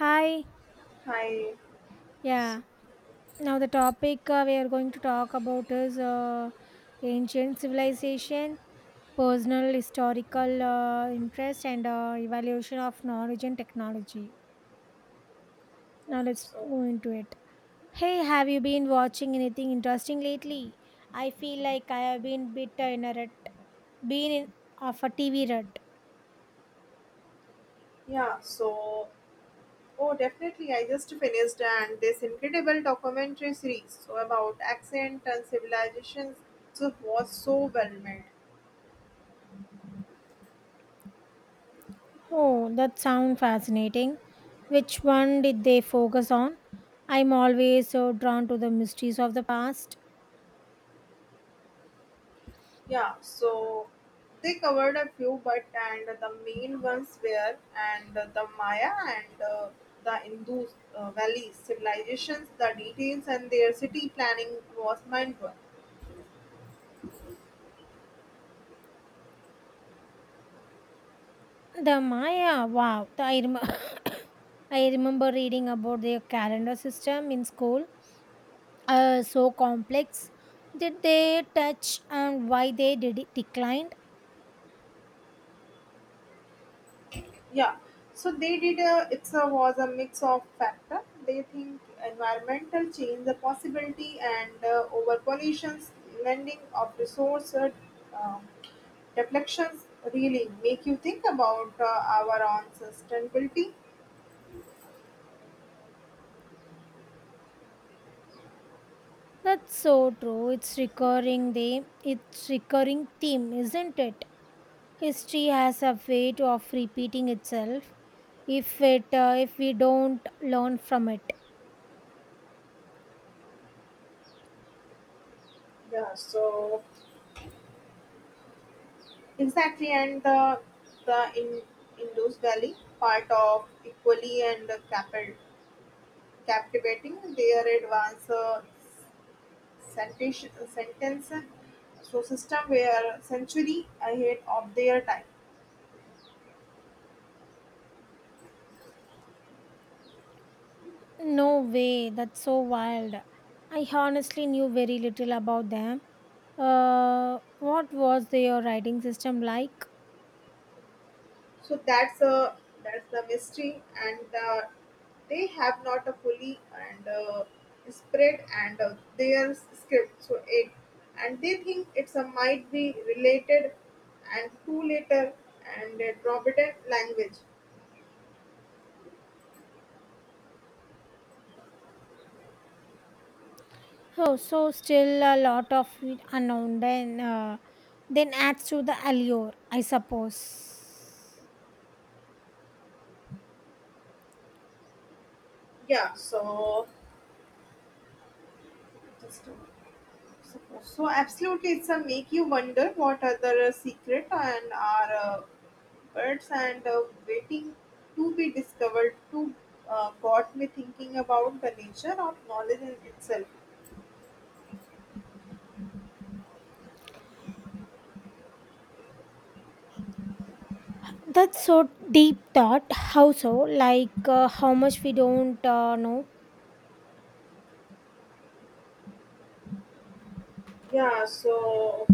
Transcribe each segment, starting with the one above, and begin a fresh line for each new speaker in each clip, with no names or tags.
Hi.
Hi.
Yeah.
So,
Now the topic we are going to talk about is ancient civilization, personal historical interest, and evaluation of knowledge and technology. Now let's
so-
go into it. Hey, have you been watching anything interesting lately? I feel like I have been bit in a rut, been in of a TV rut.
yeah, so oh, definitely. I just finished and this incredible documentary series so about accent and civilizations. So was so well made.
Oh, that sounds fascinating. Which one did they focus on? I'm always so drawn to the mysteries of the past.
Yeah, so they covered a few, but and the main ones were and the Maya and the Indus Valley civilizations. The details and their city planning was mind blowing.
The Maya, wow. I remember reading about their calendar system in school. So complex. Did they touch on why they did it declined?
Yeah, so they did a, it's a, was a mix of factor. They think environmental change, the possibility and over pollutions, lending of resource, um, deflections really make you think about our own sustainability.
That's so true. It's recurring theme, isn't it? History has a of repeating itself if it if we don't learn from it.
Yeah, so exactly, and the in Indus Valley part of equally and captivating their advanced sentence sentence so system were century ahead of their time.
No way, that's so wild. I honestly knew very little about them. What was their writing system like?
So that's a that's the mystery, and they have not a fully and spread and their script. So it and they think it's a might be related and to later and provident language.
Oh, so still a lot of it unknown, then adds to the allure, I suppose.
Yeah, so just suppose. So absolutely, it's a make you wonder what other secret and are birds and waiting to be discovered. To got me thinking about the nature of knowledge in itself.
That's so deep thought. How so? Like how much we don't know?
Yeah. So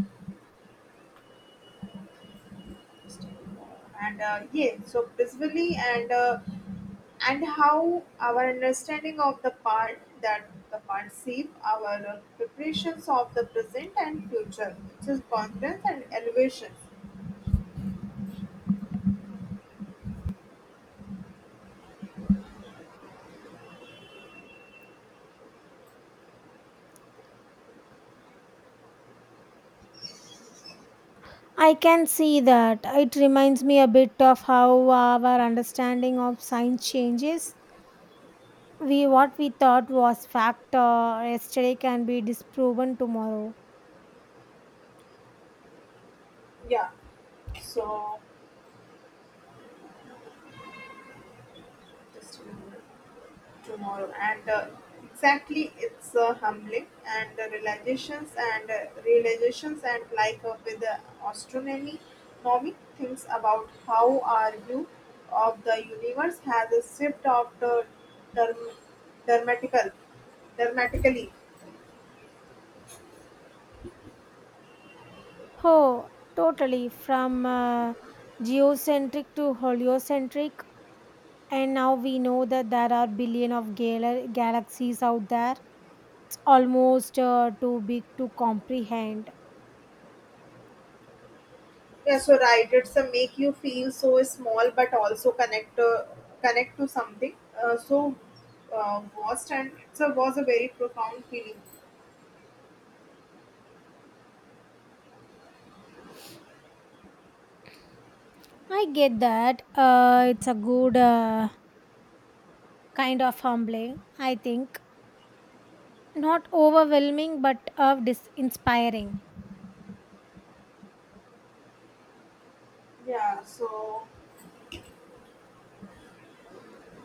and yeah. So basically, and how our understanding of the part that the part shape our preparations of the present and future, which is confidence and elevation.
I can see that. It reminds me a bit of how our understanding of science changes. We what we thought was fact yesterday can be disproven tomorrow.
Yeah. So just remember tomorrow and exactly it's humbling and the realizations and like with the astronomy Nomi thinks about how our view of the universe has a shift of the term, dermatical dramatically.
Oh, totally. From geocentric to heliocentric, and now we know that there are billion of galaxies out there. It's almost too big to comprehend.
Yeah, so right, it's a make you feel so small, but also connect to something. So, was and it's a, was a very profound feeling.
I get that. It's a good kind of humbling, I think. Not overwhelming, but of inspiring.
Yeah. So,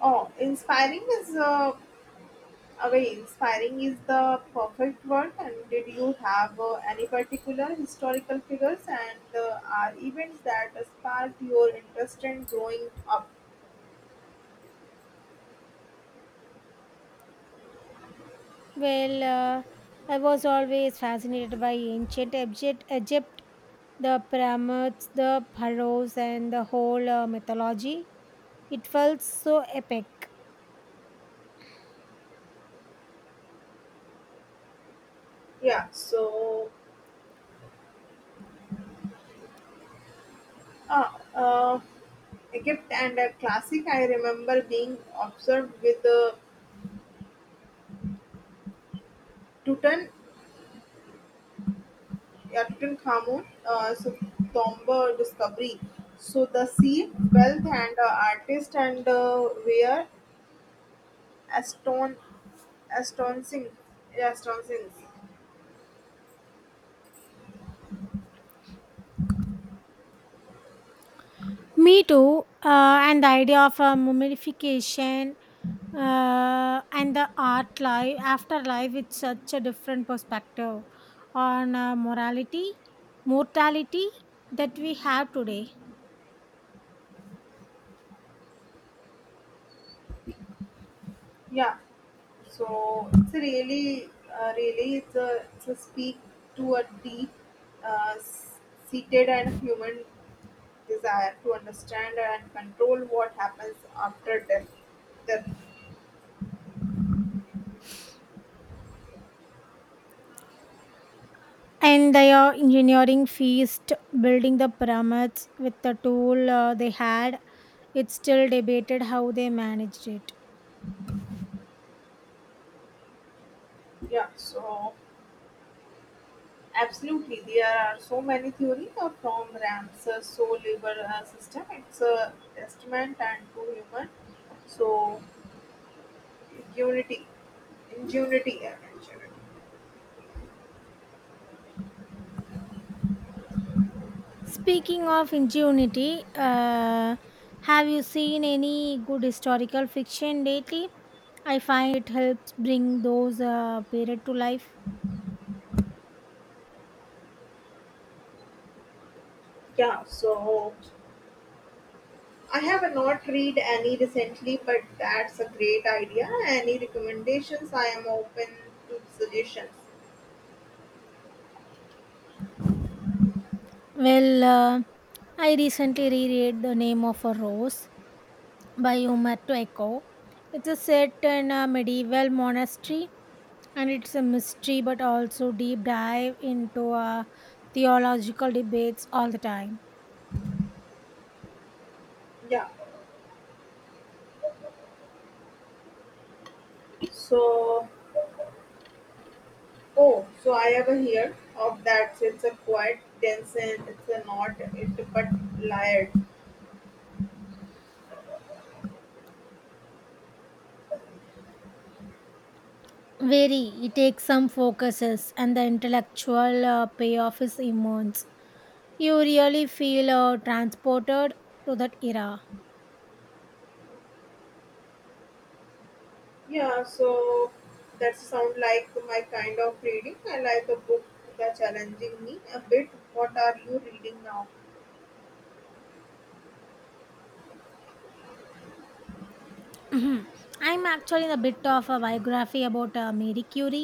oh, inspiring is away. Inspiring is the perfect word. And did you have any particular historical figures and are events that sparked your interest in growing up?
Well, I was always fascinated by Egypt, the pyramids, the pharaohs, and the whole mythology. It felt so epic.
Yeah. So, Ah, uh, Egypt and a classic. I remember being observed with the Tutan, Tutankhamun, so Tomba discovery. So the sea, wealth, and artist and were aston, astonishing, astonishing.
Me too. And the idea of mummification and the art life afterlife, it's such a different perspective on mortality that we have today.
Yeah. So it's a really, it's a speak to a deep, uh, s- seated and human desire to understand and control what happens after death.
And they are engineering feast, building the pyramids with the tool they had. It's still debated how they managed it.
Yeah, so absolutely, there are so many theories of from Ram's soul liver system. It's a testament and to human so unity, ingenuity.
Speaking of ingenuity, have you seen any good historical fiction lately? I find it helps bring those period to life.
Yeah, so I have not read any recently, but that's a great idea. Any recommendations? I am open to suggestions.
Well, I recently reread The Name of a Rose by Umberto Eco. It's a set in a medieval monastery, and it's a mystery but also deep dive into theological debates all the time.
Yeah, so oh, so I ever heard of that. So it's a quite dense and it's a not it but layered.
Very, it takes some focuses and the intellectual payoff is immense. You really feel transported to that era.
Yeah, so that sound like my kind of reading. I like a book that's challenging me a bit. What are you reading now?
Mhm. I'm actually in a bit of a biography about Marie Curie.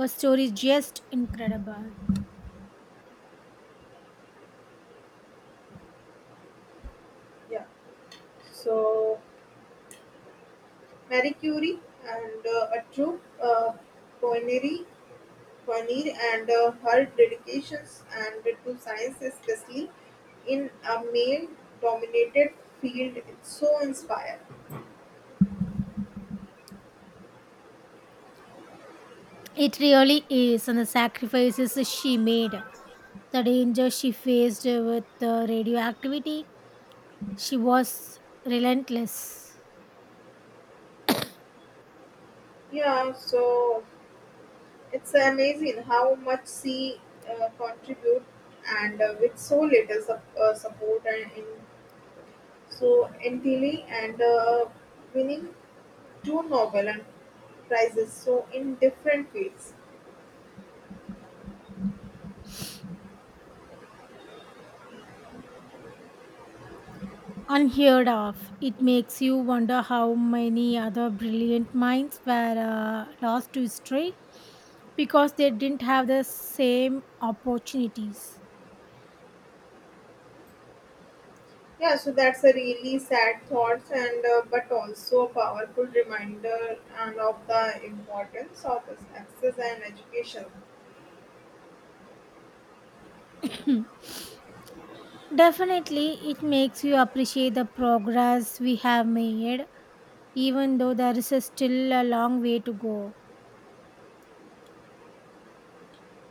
Her story is just incredible.
Yeah, so Marie Curie and a true pioneer, pioneer and her dedications and to science, especially in a male-dominated field, it's so inspiring.
It really is, and the sacrifices she made, the danger she faced with radioactivity. She was relentless,
Yeah, so it's amazing how much she contribute and with so little support and in, so entirely and winning two Nobel and prizes so in different fields.
unheard of. It makes you wonder how many other brilliant minds were lost to history because they didn't have the same opportunities.
Yeah, so that's a really sad thought and but also a powerful reminder and of the importance of access and education.
Definitely, it makes you appreciate the progress we have made, even though there is still a long way to go.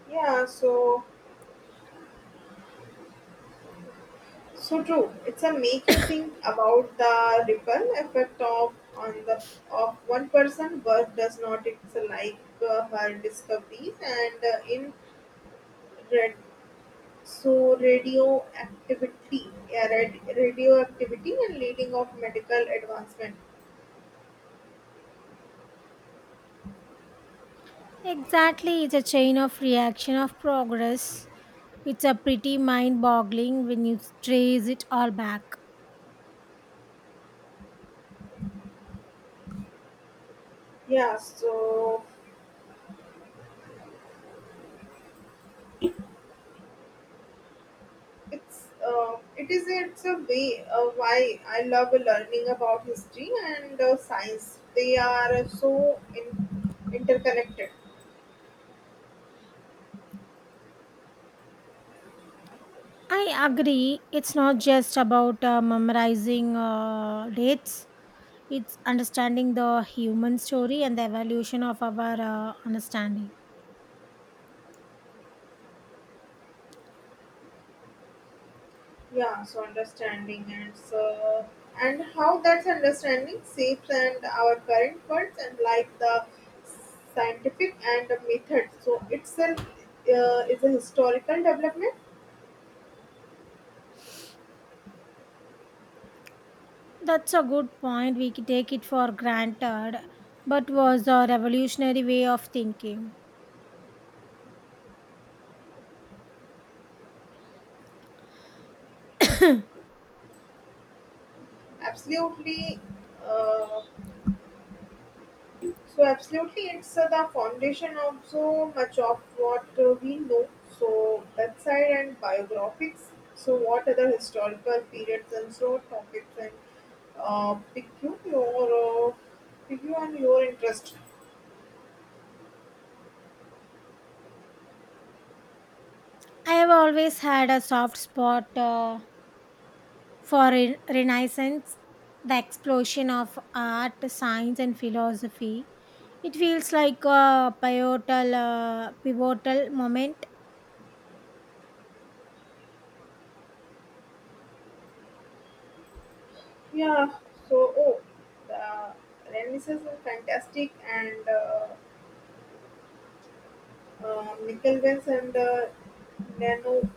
Yeah, so so true. It's a make you think about the ripple effect of on the of one person work does not. It's like her discoveries and in red so radioactivity, yeah, radioactivity and leading of medical advancement.
Exactly, it's a chain of reaction of progress. It's a pretty mind boggling when you trace it all back.
Yeah, so it's it is it's a way why I love learning about history and science. They are so interconnected.
I agree. It's not just about memorizing dates, it's understanding the human story and the evolution of our understanding.
Yeah, so understanding and so and how that's understanding shapes and our current words and like the scientific and the method so itself is a historical development.
That's a good point. We take it for granted, but was a revolutionary way of thinking.
Absolutely uh, so absolutely it's the foundation of so much of what we know so website and biographics so what other historical periods and so topics and pick you your pick you and your interest.
I have always had a soft spot for Renaissance, the explosion of art, science, and philosophy. It feels like a pivotal moment
Yeah. So oh, the Renaissance is fantastic and Nickelbens and Nano.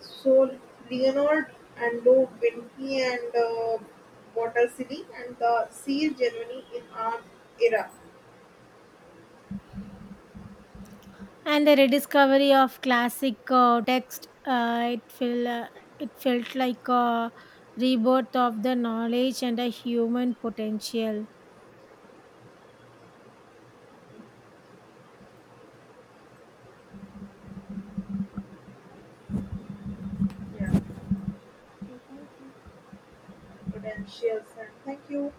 So Leonard and Low Vinci and Botticelli and the Sea Germany in our era.
and the rediscovery of classic text. It felt like a rebirth of the knowledge and a human potential.
Yeah.
Okay, thank you.
Potentials and thank you.